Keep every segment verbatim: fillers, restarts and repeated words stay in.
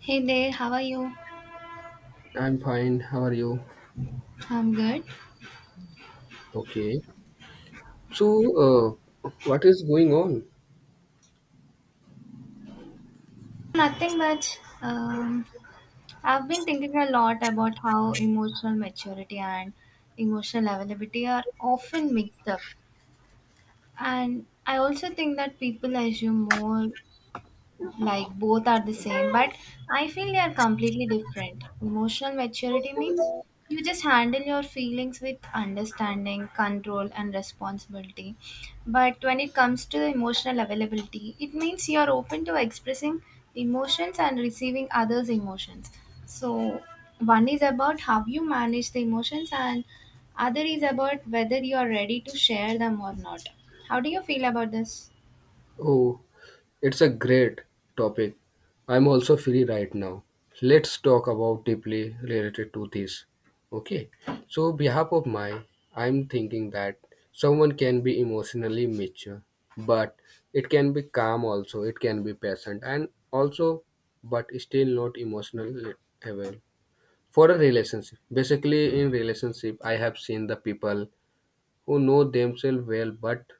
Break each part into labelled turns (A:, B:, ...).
A: Hey there, how are you?
B: I'm fine. How are you?
A: I'm good.
B: Okay. So, uh, what is going on?
A: Nothing much. Um, I've been thinking a lot about how emotional maturity and emotional availability are often mixed up. And I also think that people assume more like both are the same but I feel they are completely different. Emotional maturity means you just handle your feelings with understanding, control and responsibility, but when it comes to emotional availability, it means you are open to expressing emotions and receiving others emotions. So one is about how you manage the emotions and other is about whether you are ready to share them or not. How do you feel about this?
B: Oh, it's a great topic. I'm also free right now. Let's talk about deeply related to this. Okay. So, behalf of my, I'm thinking that someone can be emotionally mature, but it can be calm also. It can be patient and also, but still not emotionally available for a relationship. Basically, in relationship, I have seen the people who know themselves well but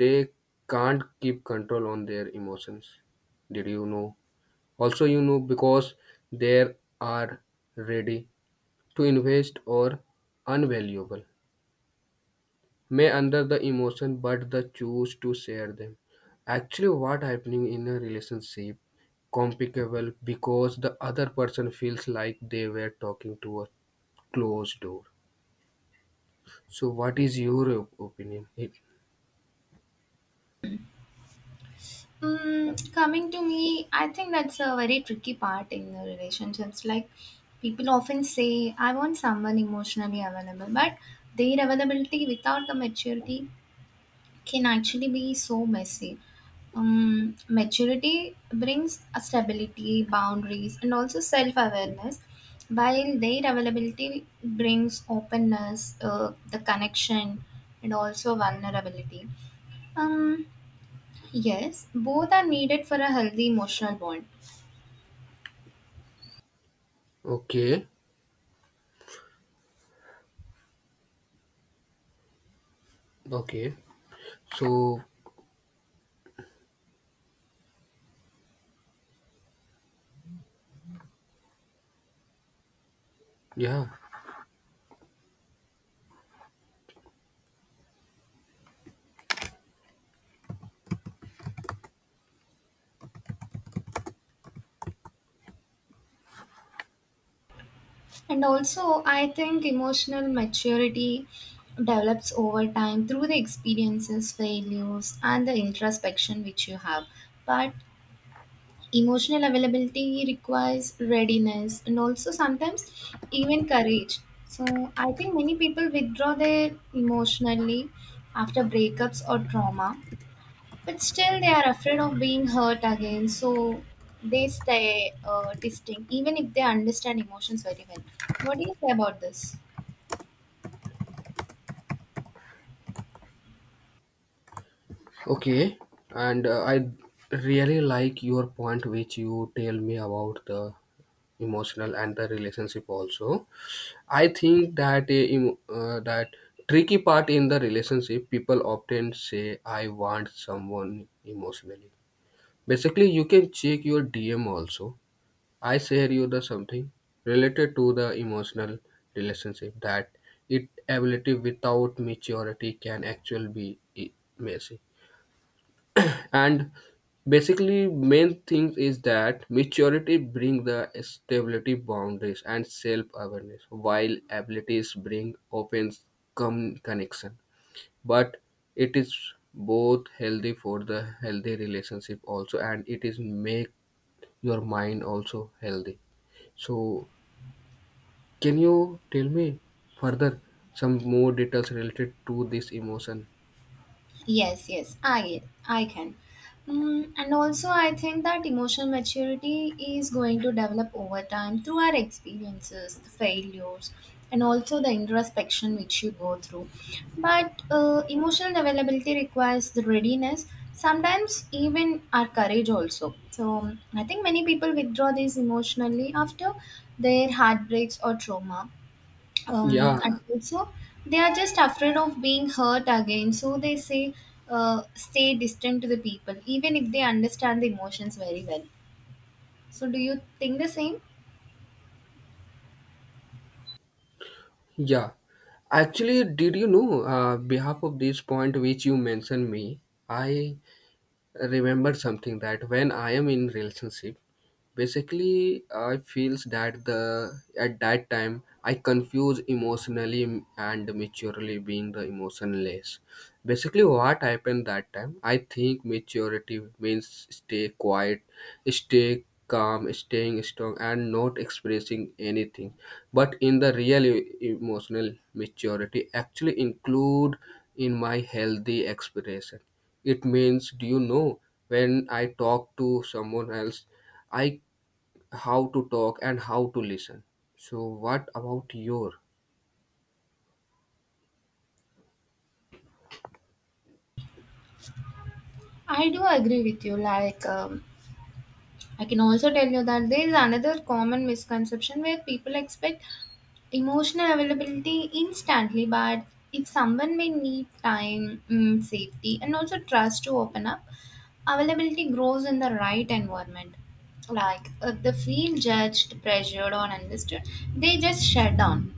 B: they can't keep control on their emotions. Did you know? Also, you know, because they are ready to invest or unvaluable may under the emotion but the choose to share them. Actually, what happening in a relationship complicable because the other person feels like they were talking to a closed door. So what is your op- opinion?
A: Mm, coming to me, I think that's a very tricky part in the relationships. Like people often say, I want someone emotionally available, but their availability without the maturity can actually be so messy. Um, maturity brings a stability, boundaries, and also self awareness, while their availability brings openness, uh, the connection, and also vulnerability. Um, Yes, both are needed for a healthy emotional bond.
B: Okay, okay. So, yeah,
A: And also, I think emotional maturity develops over time through the experiences, failures, and the introspection which you have. But emotional availability requires readiness and also sometimes even courage. So, I think many people withdraw their emotionally after breakups or trauma. But still, they are afraid of being hurt again, so they stay uh, distinct, even if they understand emotions very well. What do you say about this?
B: okay. And uh, I really like your point, which you tell me about the emotional and the relationship also. I think that uh, em- uh, that tricky part in the relationship, people often say, "I want someone emotionally." Basically, you can check your D M also. I share you the something related to the emotional relationship that it ability without maturity can actually be eh, messy, and basically main thing is that maturity bring the stability boundaries and self awareness while abilities bring open com- connection, but it is both healthy for the healthy relationship also and it is make your mind also healthy. So can you tell me further some more details related to this emotion?
A: Yes, yes, I I can. Mm, and also, I think that emotional maturity is going to develop over time through our experiences, the failures, and also the introspection which you go through. But uh, emotional availability requires the readiness, sometimes even our courage also. So, I think many people withdraw this emotionally after their heartbreaks or trauma, um,
B: Yeah,
A: and also they are just afraid of being hurt again, so they say uh, stay distant to the people even if they understand the emotions very well. So do you think the same?
B: yeah, actually, did you know, uh, behalf of this point which you mentioned me, I remember something that when I am in relationship, basically I feels that the at that time I confuse emotionally and maturely being the emotionless. Basically what happened that time I think maturity means stay quiet, stay calm, staying strong and not expressing anything, but in the real e- emotional maturity actually include in my healthy expression. It means, do you know, when I talk to someone else, I how to talk and how to listen. So what about your?
A: I do agree with you. Like um, I can also tell you that there is another common misconception where people expect emotional availability instantly, but if someone may need time, mm, safety, and also trust to open up, availability grows in the right environment. Like if they feel judged, pressured, or understood, they just shut down.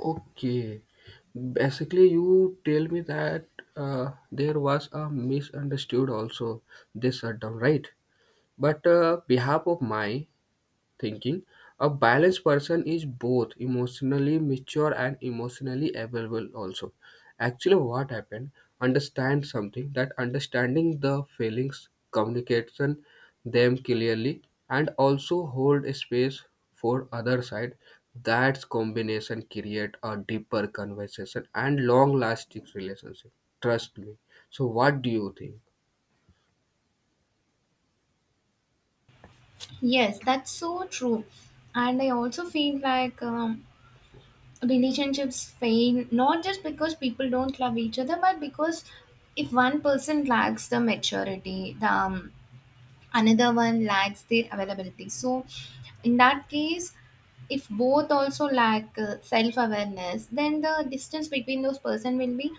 B: Okay, basically you tell me that uh, there was a misunderstood also this shutdown, right? But uh, behalf of my thinking. A balanced person is both emotionally mature and emotionally available also. Actually, what happened? Understand something that understanding the feelings, communication them clearly, and also hold a space for other side. That combination create a deeper conversation and long-lasting relationship. Trust me. So, what do you think?
A: Yes, that's so true. And I also feel like um, relationships fail not just because people don't love each other, but because if one person lacks the maturity, the um, another one lacks their availability. So in that case, if both also lack uh, self awareness, then the distance between those person will be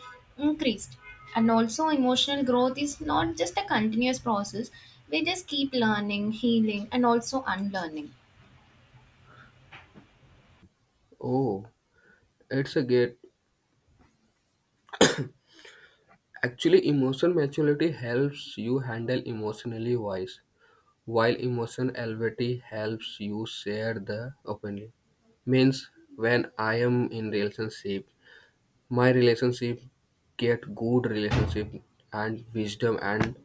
A: increased. And also emotional growth is not just a continuous process. We just keep learning, healing and also unlearning.
B: Oh, it's a great. Actually, emotional maturity helps you handle emotionally wise, while emotion availability helps you share the openly. Means when I am in relationship, my relationship get good relationship and wisdom and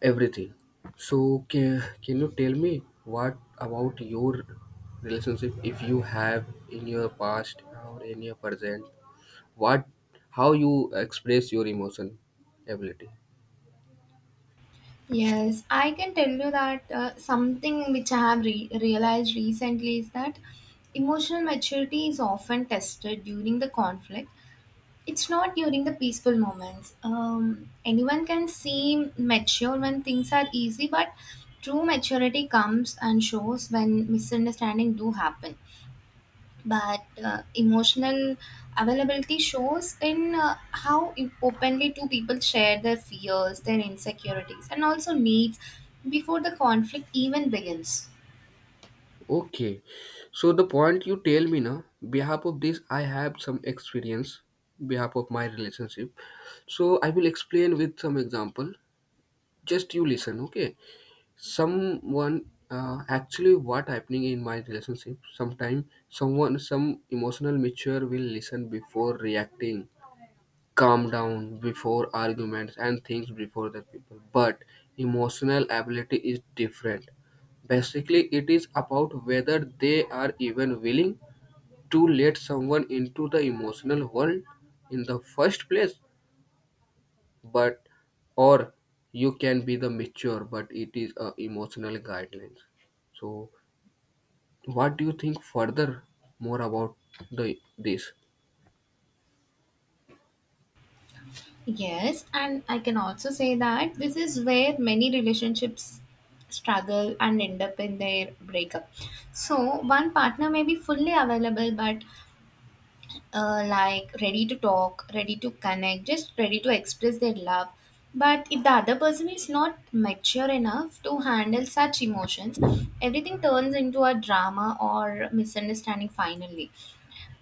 B: everything. So can, can you tell me what about your relationship if you have in your past or in your present? What how you express your emotion ability?
A: Yes, I can tell you that uh, something which I have re- realized recently is that emotional maturity is often tested during the conflict. It's not during the peaceful moments. Um, anyone can seem mature when things are easy, but true maturity comes and shows when misunderstanding do happen. But uh, emotional availability shows in uh, how im- openly two people share their fears, their insecurities and also needs before the conflict even begins.
B: Okay, so the point you tell me now, behalf of this, I have some experience, behalf of my relationship. So I will explain with some example. Just you listen, okay? Someone uh, Actually what happening in my relationship. Sometime someone some emotional mature will listen before reacting, calm down before arguments and things before the people. But emotional ability is different. Basically, it is about whether they are even willing to let someone into the emotional world in the first place. But or you can be the mature, but it is a emotional guidelines. So, what do you think further more about the this?
A: Yes, and I can also say that this is where many relationships struggle and end up in their breakup. So one partner may be fully available, but uh, like ready to talk, ready to connect, just ready to express their love. But if the other person is not mature enough to handle such emotions, everything turns into a drama or misunderstanding finally.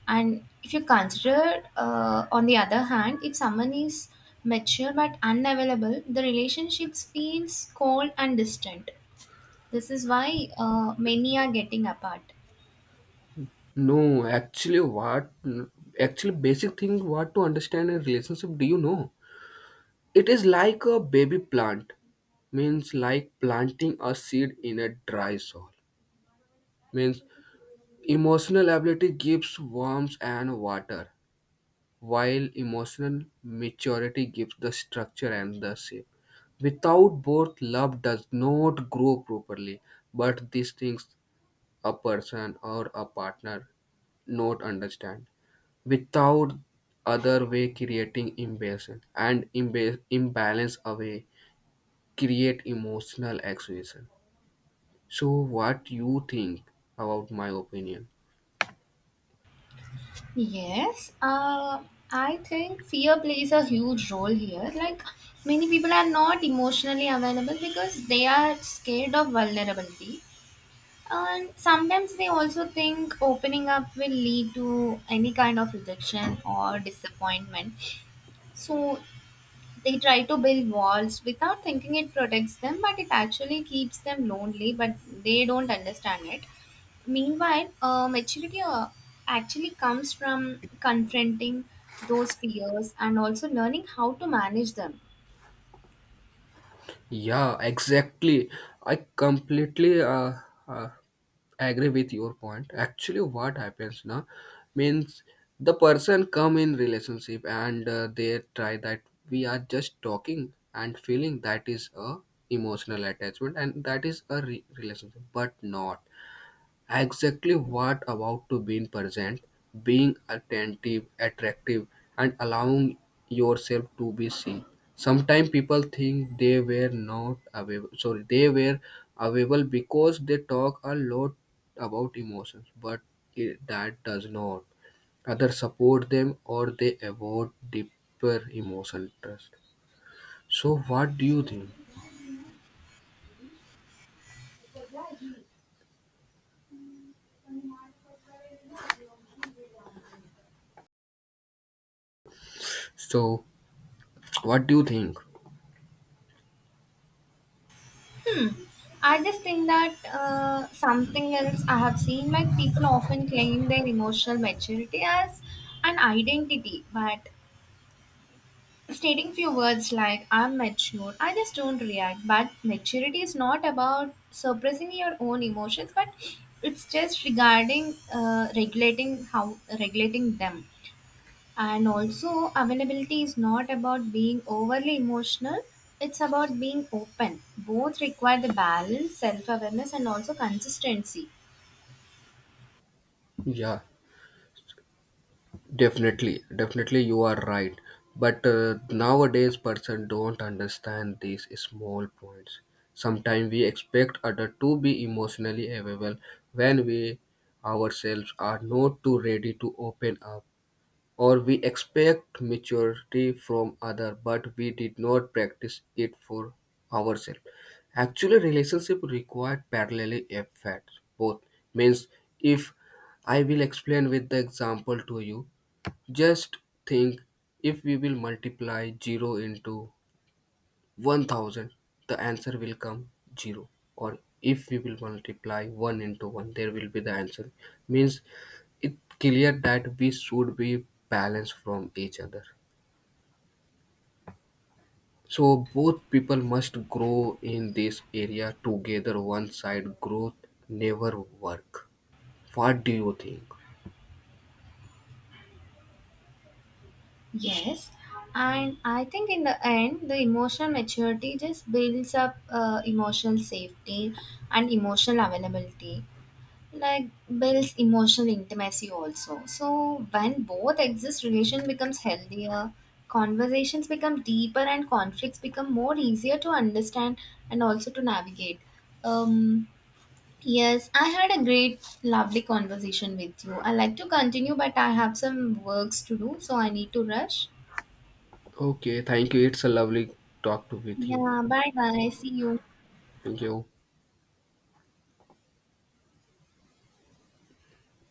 A: And if you consider, uh, on the other hand, if someone is mature but unavailable, the relationships feels cold and distant. This is why uh, many are getting apart.
B: No, actually, what actually basic thing what to understand a relationship? Do you know? It is like a baby plant, means like planting a seed in a dry soil. Means emotional ability gives warmth and water, while emotional maturity gives the structure and the shape. Without both, love does not grow properly. But these things a person or a partner not understand without other way creating imbalance and imba- imbalance away create emotional exhaustion. So what you think about my opinion?
A: Yes, uh, I think fear plays a huge role here. Like many people are not emotionally available because they are scared of vulnerability. And sometimes they also think opening up will lead to any kind of rejection or disappointment. So they try to build walls without thinking it protects them, but it actually keeps them lonely, but they don't understand it. Meanwhile, uh, maturity uh, actually comes from confronting those fears and also learning how to manage them.
B: Yeah, exactly. I completely uh, uh, agree with your point. Actually, what happens now means the person come in relationship and uh, they try that we are just talking and feeling that is a emotional attachment and that is a re- relationship, but not. Exactly what about to being present, being attentive, attractive, and allowing yourself to be seen. Sometimes people think they were not available. Sorry, they were available because they talk a lot about emotions, but it, that does not. Others support them or they avoid deeper emotional trust. So, what do you think? So, what do you think?
A: Hmm. I just think that uh, something else I have seen, like people often claim their emotional maturity as an identity, but stating few words like I'm mature, I just don't react. But maturity is not about suppressing your own emotions, but it's just regarding uh, regulating how regulating them. And also, availability is not about being overly emotional. It's about being open. Both require the balance, self awareness, and also consistency.
B: Yeah. Definitely, definitely, you are right. But uh, nowadays, person don't understand these small points. Sometimes we expect other to be emotionally available when we ourselves are not too ready to open up, or we expect maturity from other, but we did not practice it for ourselves. Actually, relationship require parallel efforts. Both means if I will explain with the example to you, just think, if we will multiply zero into one thousand, the answer will come zero. Or if we will multiply one into one, there will be the answer. Means it clear that we should be balanced from each other. So both people must grow in this area together. One side growth never work. What do you think?
A: Yes, and I think in the end, the emotional maturity just builds up uh, emotional safety and emotional availability, like builds emotional intimacy also. So when both exist, relation becomes healthier, conversations become deeper, and conflicts become more easier to understand and also to navigate. Um, yes, I had a great, lovely conversation with you. I like to continue, but I have some works to do, so I need to rush.
B: Okay, thank you. It's a lovely talk to with you.
A: Yeah, bye bye. See you.
B: Thank you.